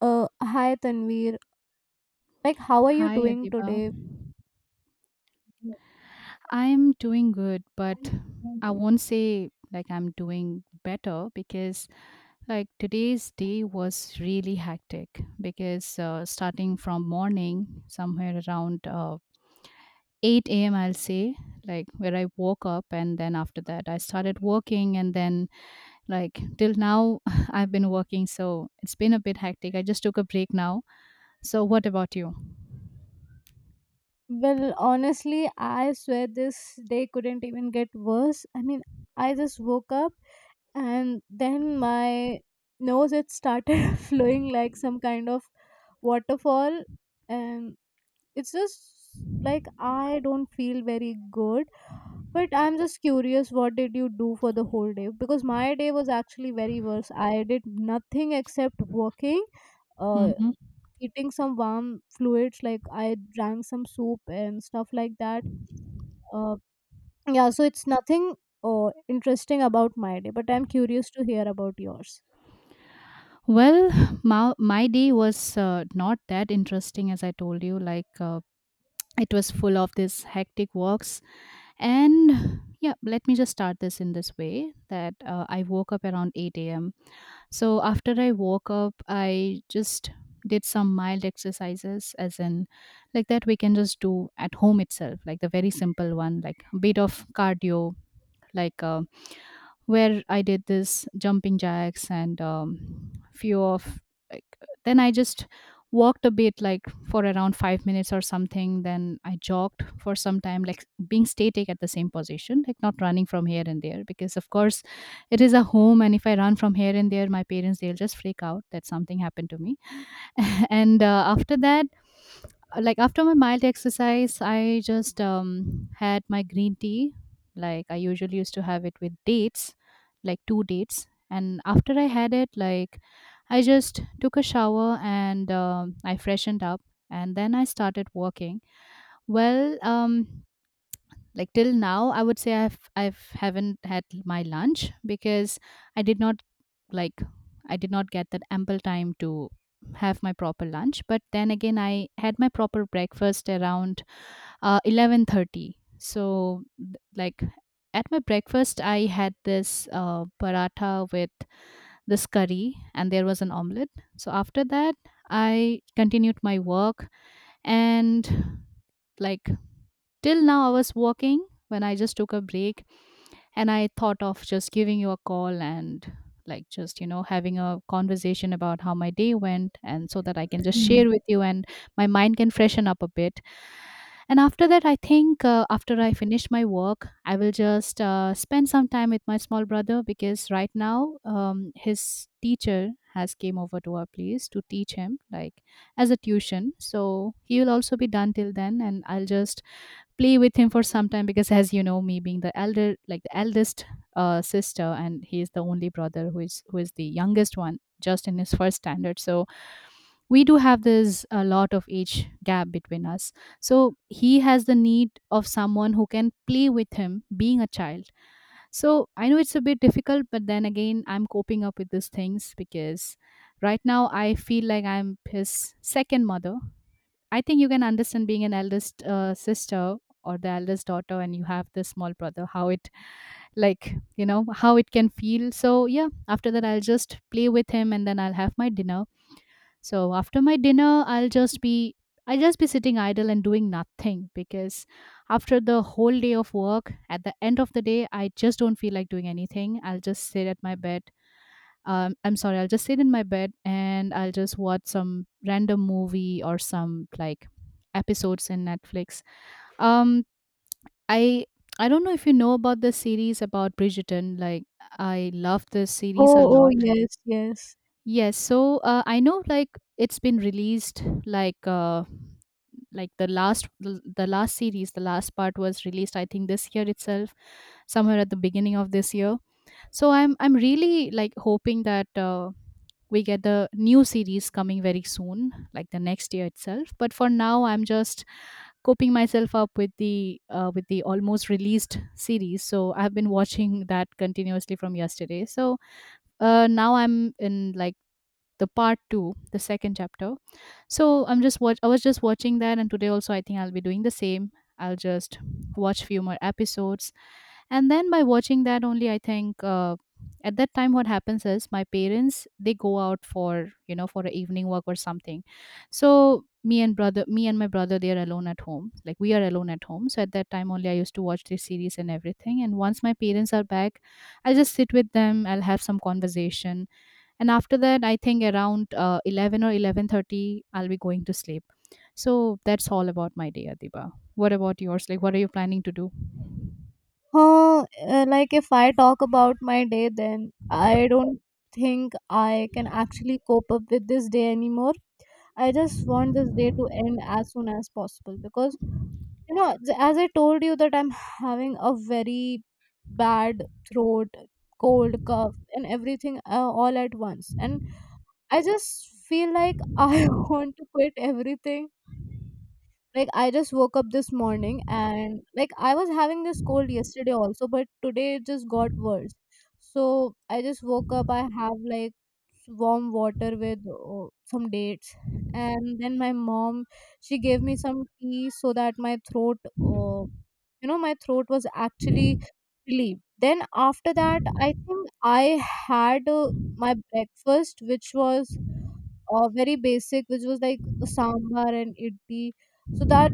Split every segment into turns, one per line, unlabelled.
Hi Tanvir. Like, how are you
Hi,
doing
Adiba.
today?
I'm doing good, but I won't say like I'm doing better because like today's day was really hectic because starting from morning, somewhere around 8 a.m., I'll say, like where I woke up, and then after that, I started working, and then like till now, I've been working, so it's been a bit hectic. I just took a break now. So, what about you?
Well, honestly, I swear this day couldn't even get worse. I mean, I just woke up and then my nose, it started flowing like some kind of waterfall, and it's just like I don't feel very good. But I'm just curious, what did you do for the whole day? Because my day was actually very worse. I did nothing except working, uh,
Mm-hmm.
eating some warm fluids like I drank some soup and stuff like that. uh, yeah, so it's nothing interesting about my day, but I'm curious to hear about yours.
Well, my day was not that interesting as I told you. Like, it was full of this hectic walks. And yeah, let me just start this in this way that I woke up around 8 a.m. So, after I woke up, I just did some mild exercises, as in, like, that we can just do at home itself, like the very simple one, like a bit of cardio like where I did this jumping jacks and few of like then I just walked a bit like for around 5 minutes or something, then I jogged for some time like being static at the same position, like not running from here and there because of course it is a home and if I run from here and there my parents they'll just freak out that something happened to me. And after that like after my mild exercise I just had my green tea, like I usually used to have it with dates, like two dates, and after I had it like I just took a shower and I freshened up and then I started working. Well, like till now I would say I've haven't had my lunch because i did not like I did not get that ample time to have my proper lunch, but then again I had my proper breakfast around 11:30. So like at my breakfast I had this paratha with this curry and there was an omelet. So after that I continued my work, and like till now I was working when I just took a break, and I thought of just giving you a call and like just having a conversation about how my day went, and so that I can just
Mm.
share with you and my mind can freshen up a bit. And after that I think after I finish my work I will just spend some time with my small brother because right now his teacher has came over to our place to teach him like as a tuition, so he will also be done till then and I'll just play with him for some time because as you know me being the elder, like the eldest sister, and he is the only brother who is the youngest one just in his first standard, so we do have this a lot of age gap between us, so he has the need of someone who can play with him being a child. So I know it's a bit difficult, but then again, I'm coping up with these things because right now I feel like I'm his second mother. I think you can understand being an eldest sister or the eldest daughter, and you have this small brother, how it, like, how it can feel. So, yeah, after that, I'll just play with him and then I'll have my dinner. So, after my dinner, I'll just be. I'll just be sitting idle and doing nothing because after the whole day of work, at the end of the day, I just don't feel like doing anything. I'll just sit at my bed. I'm sorry, I'll just sit in my bed and I'll just watch some random movie or some like episodes in Netflix. Um, I I don't know if you know about the series about Bridgerton. Like I love this series a
Oh, oh,
lot.
yes, yes.
Yes, so I know like it's been released like the last series, the last part was released I think this year itself, somewhere at the beginning of this year. So I'm really like hoping that. We get the new series coming very soon like the next year itself, but for now I'm just coping myself up with the with the almost released series, so I've been watching that continuously from yesterday. So now I'm in like the part 2, the second chapter. So I was just watching that, and today also I think I'll be doing the same. I'll just watch few more episodes, and then by watching that only I think at that time what happens is my parents they go out for you know for an evening walk or something. So me and my brother, they are alone at home, like we are alone at home, so at that time only I used to watch this series and everything, and once my parents are back I'll just sit with them, I'll have some conversation, and after that I think around 11 or 11:30 I'll be going to sleep. So that's all about my day, Adiba. What about yours? Like, what are you planning to do?
Huh. Like if I talk about my day, then I don't think I can actually cope up with this day anymore. I just want this day to end as soon as possible because you know, as I told you, that I'm having a very bad throat, cold, cough, and everything, all at once. And I just feel like I want to quit everything. Like I just woke up this morning, and like I was having this cold yesterday also, but today it just got worse. So I just woke up. I have like warm water with some dates, and then my mom, she gave me some tea so that my throat, my throat was actually relieved. Then after that, I think I had my breakfast, which was very basic, which was like sambar and idli. So that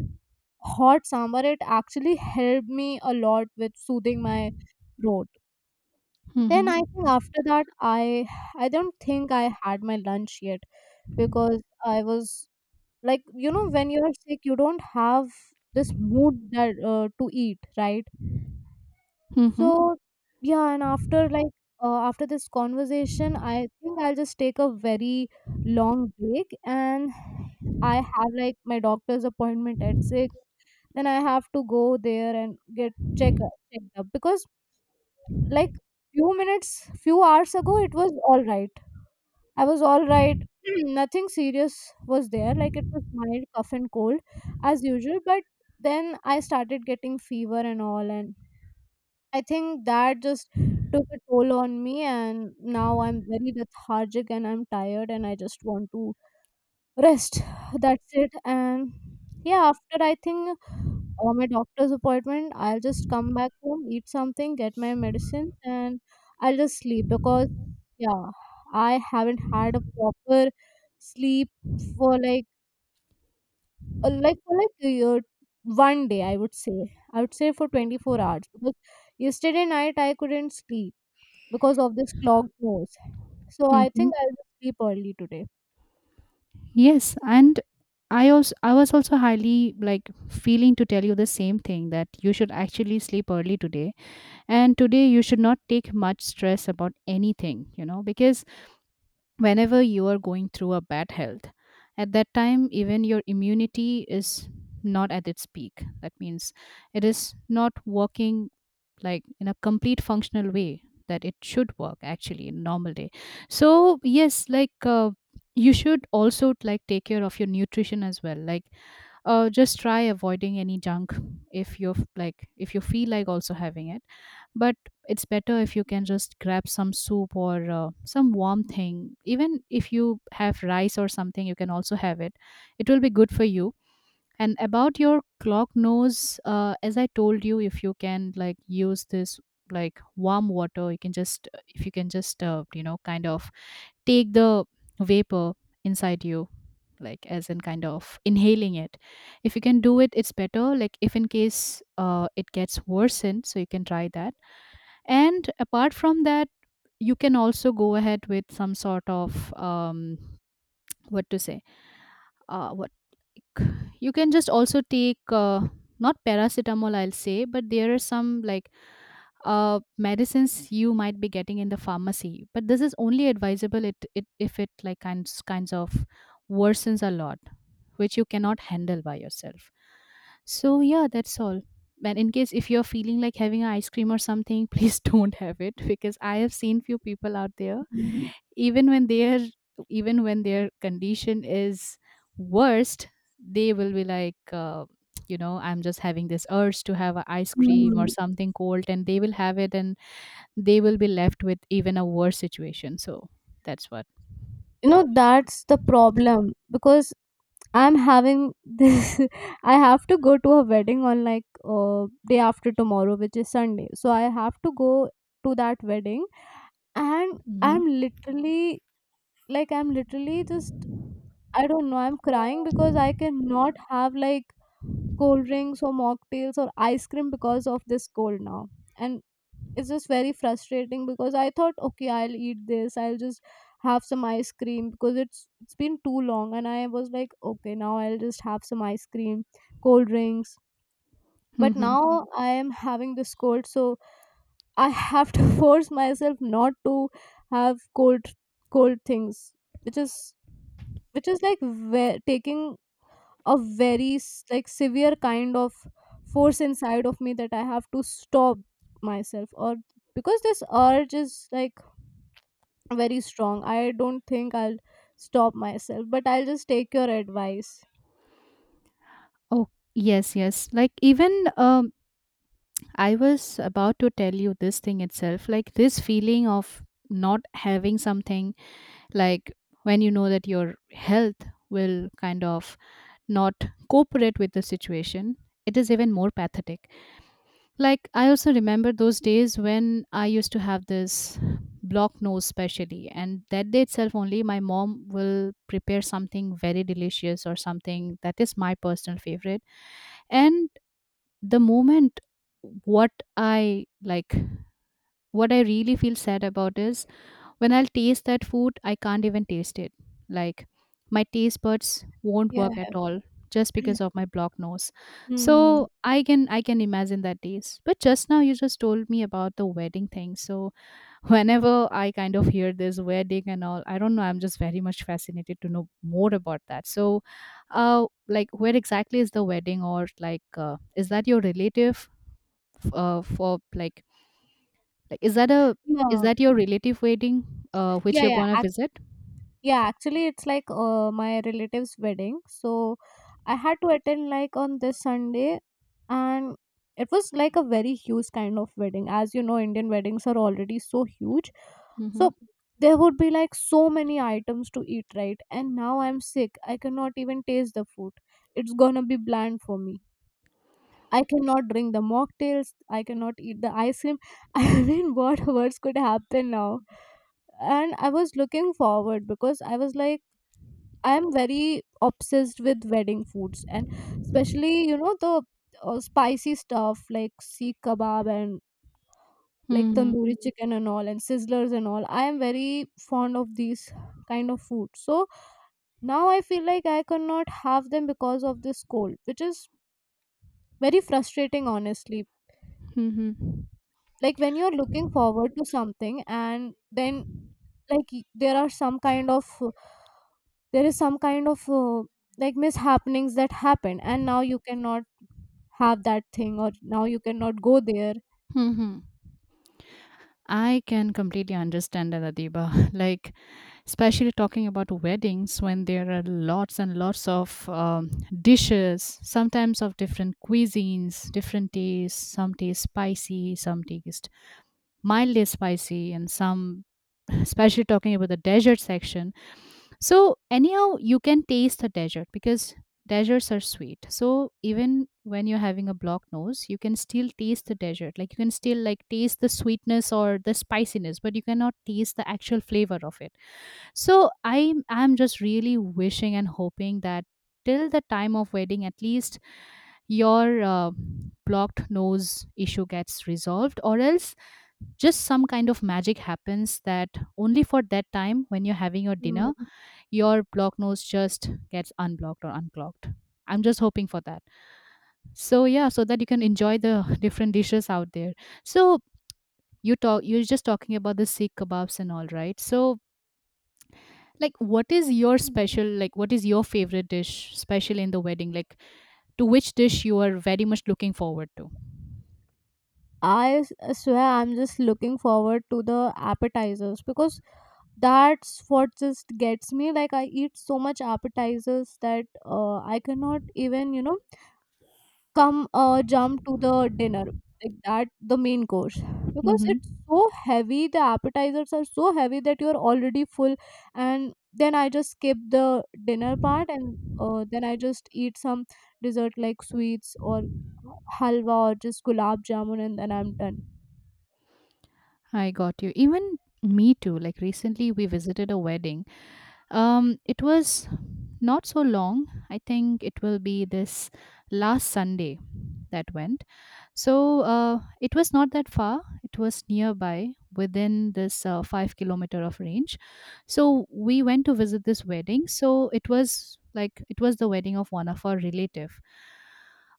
hot sambar, it actually helped me a lot with soothing my throat. Then
Mhm,
I think after that, I don't think I had my lunch yet because I was, like, you know, when you're sick, you don't have this mood that to eat, right?
mhm,
So yeah, and after like, after this conversation, I think I'll just take a very long break, and I have like my doctor's appointment at six. Then I have to go there and get checked up because like few minutes, few hours ago, it was all right. I was all right. Nothing serious was there. Like it was mild cough and cold as usual, but then I started getting fever and all, and I think that just took a toll on me, and now I'm very lethargic and I'm tired, and I just want to rest. That's it. And yeah, after I think, my doctor's appointment, I'll just come back home, eat something, get my medicines, and I'll just sleep because, yeah, I haven't had a proper sleep for like a year. One day, I would say, for 24 hours because yesterday night I couldn't sleep because of this clogged nose. So I think
mhm.
I'll just sleep early today.
Yes. And I was also highly like feeling to tell you the same thing, that you should actually sleep early today, and today you should not take much stress about anything, because whenever you are going through a bad health, at that time even your immunity is not at its peak, that means it is not working like in a complete functional way that it should work actually in normal day. So yes, like you should also like take care of your nutrition as well, like just try avoiding any junk. If you're like if you feel like also having it, but it's better if you can just grab some soup or some warm thing. Even if you have rice or something, you can also have it, it will be good for you. And about your clock nose, as I told you, if you can like use this like warm water, you can just if you can just kind of take the vapor inside you, like as in kind of inhaling it. If you can do it, it's better. Like if in case it gets worsened, so you can try that. And apart from that, you can also go ahead with some sort of what to say, what, like, you can just also take not paracetamol, I'll say, but there are some like medicines you might be getting in the pharmacy. But this is only advisable it, if it like kinds of worsens a lot, which you cannot handle by yourself. So yeah, that's all. And in case if you're feeling like having an ice cream or something, please don't have it, because I have seen few people out there,
Mm.
even when their condition is worst, they will be like I'm just having this urge to have a ice cream or
You
something cold, and they will have it, and they will be left with even a worse situation. So that's what.
know, that's the problem because I'm having this. I have to go to a wedding on like, day after tomorrow, which is Sunday. So I have to go to that wedding, and
Hmm.
I'm literally, like I'm literally just I don't know. I'm crying because I cannot have like cold drinks or mocktails or ice cream because of this cold now. And it's just very frustrating because I thought, okay, I'll eat this, I'll just have some ice cream because it's been too long, and I was like, okay, now I'll just have some ice cream, cold drinks, but
Hmm.
now I am having this cold, so I have to force myself not to have cold, cold things, which is which is like taking a very like severe kind of force inside of me that I have to stop myself, or because this urge is like very strong. I don't think I'll stop myself, but I'll just take your advice.
Oh, yes, yes. Like even I was about to tell you this thing itself, like this feeling of not having something, like when you know that your health will kind of not cooperate with the situation, it is even more pathetic. Like, I also remember those days when I used to have this block nose, specially, and that day itself only, my mom will prepare something very delicious or something that is my personal favorite. And the moment, what I like, what I really feel sad about is when I'll taste that food, I can't even taste it. Like my taste buds won't
Yeah.
work at all just because of my blocked nose.
Hmm.
So I can imagine that taste. But just now you just told me about the wedding thing. So whenever I kind of hear this wedding and all, I don't know, I'm just very much fascinated to know more about that. So like, where exactly is the wedding? Or like, is that your relative, f- for like is that a is
Yeah.
that your relative wedding which
Yeah,
you're
yeah.
gonna visit?
Yeah, actually, it's like my relative's wedding. So I had to attend like on this Sunday, and it was like a very huge kind of wedding. As you know, Indian weddings are already so huge.
Mhm.
So there would be like so many items to eat, right? And now I'm sick. I cannot even taste the food. It's gonna be bland for me. I cannot drink the mocktails. I cannot eat the ice cream. I mean, what worse could happen now? And I was looking forward because I was like, I'm very obsessed with wedding foods, and especially, you know, the spicy stuff like seek kebab and like
Mhm.
tandoori chicken and all and sizzlers and all. I am very fond of these kind of food. So now I feel like I cannot have them because of this cold, which is very frustrating, honestly.
Mhm.
Like when you're looking forward to something and then like, there are some kind of there is some kind of, like, mishappenings that happen, and now you cannot have that thing or now you cannot go there.
Mhm. I can completely understand that, Adiba. Like, especially talking about weddings, when there are lots and lots of dishes, sometimes of different cuisines, different tastes. Some taste spicy, some taste mildly spicy, and some, especially talking about the desert section. So anyhow, you can taste the desert because deserts are sweet. So even when you're having a blocked nose, you can still taste the desert. Like you can still like taste the sweetness or the spiciness, but you cannot taste the actual flavor of it. So I'm just really wishing and hoping that till the time of wedding, at least your blocked nose issue gets resolved, or else just some kind of magic happens that only for that time when you're having your
Mm.
dinner your blocked nose just gets unblocked or unclogged. I'm just hoping for that. So yeah, so that you can enjoy the different dishes out there. So you're just talking about the sikh kebabs and all, right? So like what is your favorite dish special in the wedding, like to which dish you are very much looking forward to?
I swear I'm just looking forward to the appetizers because that's what just gets me. Like I eat so much appetizers that I cannot even, you know come jump to the dinner, like that, the main course, because it's
Mm-hmm.
so heavy. The appetizers are so heavy that you're already full, and then I just skip the dinner part, and then I just eat some dessert like sweets or halwa or just gulab jamun, and then I'm done.
I got you. Even me too. Like recently, we visited a wedding. It was not so long. I think it will be this last Sunday that went. So it was not that far. It was nearby within this 5 kilometer of range. So we went to visit this wedding. So it was the wedding of one of our relative.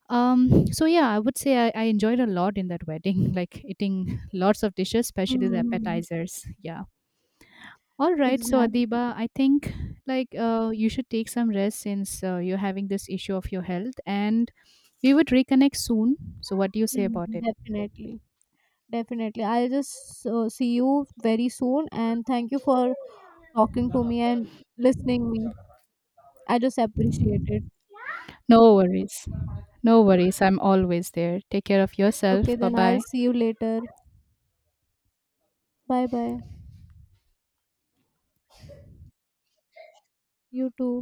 So yeah, I would say I enjoyed a lot in that wedding, like eating lots of dishes, especially the
Hmm.
appetizers. Yeah. All right, so
Exactly.
Adiba, I think like you should take some rest since you're having this issue of your health, and we would reconnect soon. So, what do you say
Mhm.
about it?
Definitely, I'll just see you very soon, and thank you for talking to me and listening me. I just appreciate it.
No worries. No worries. I'm always there. Take care of
Okay,
yourself. Bye
then I'll
bye.
see you later. Bye bye. You too.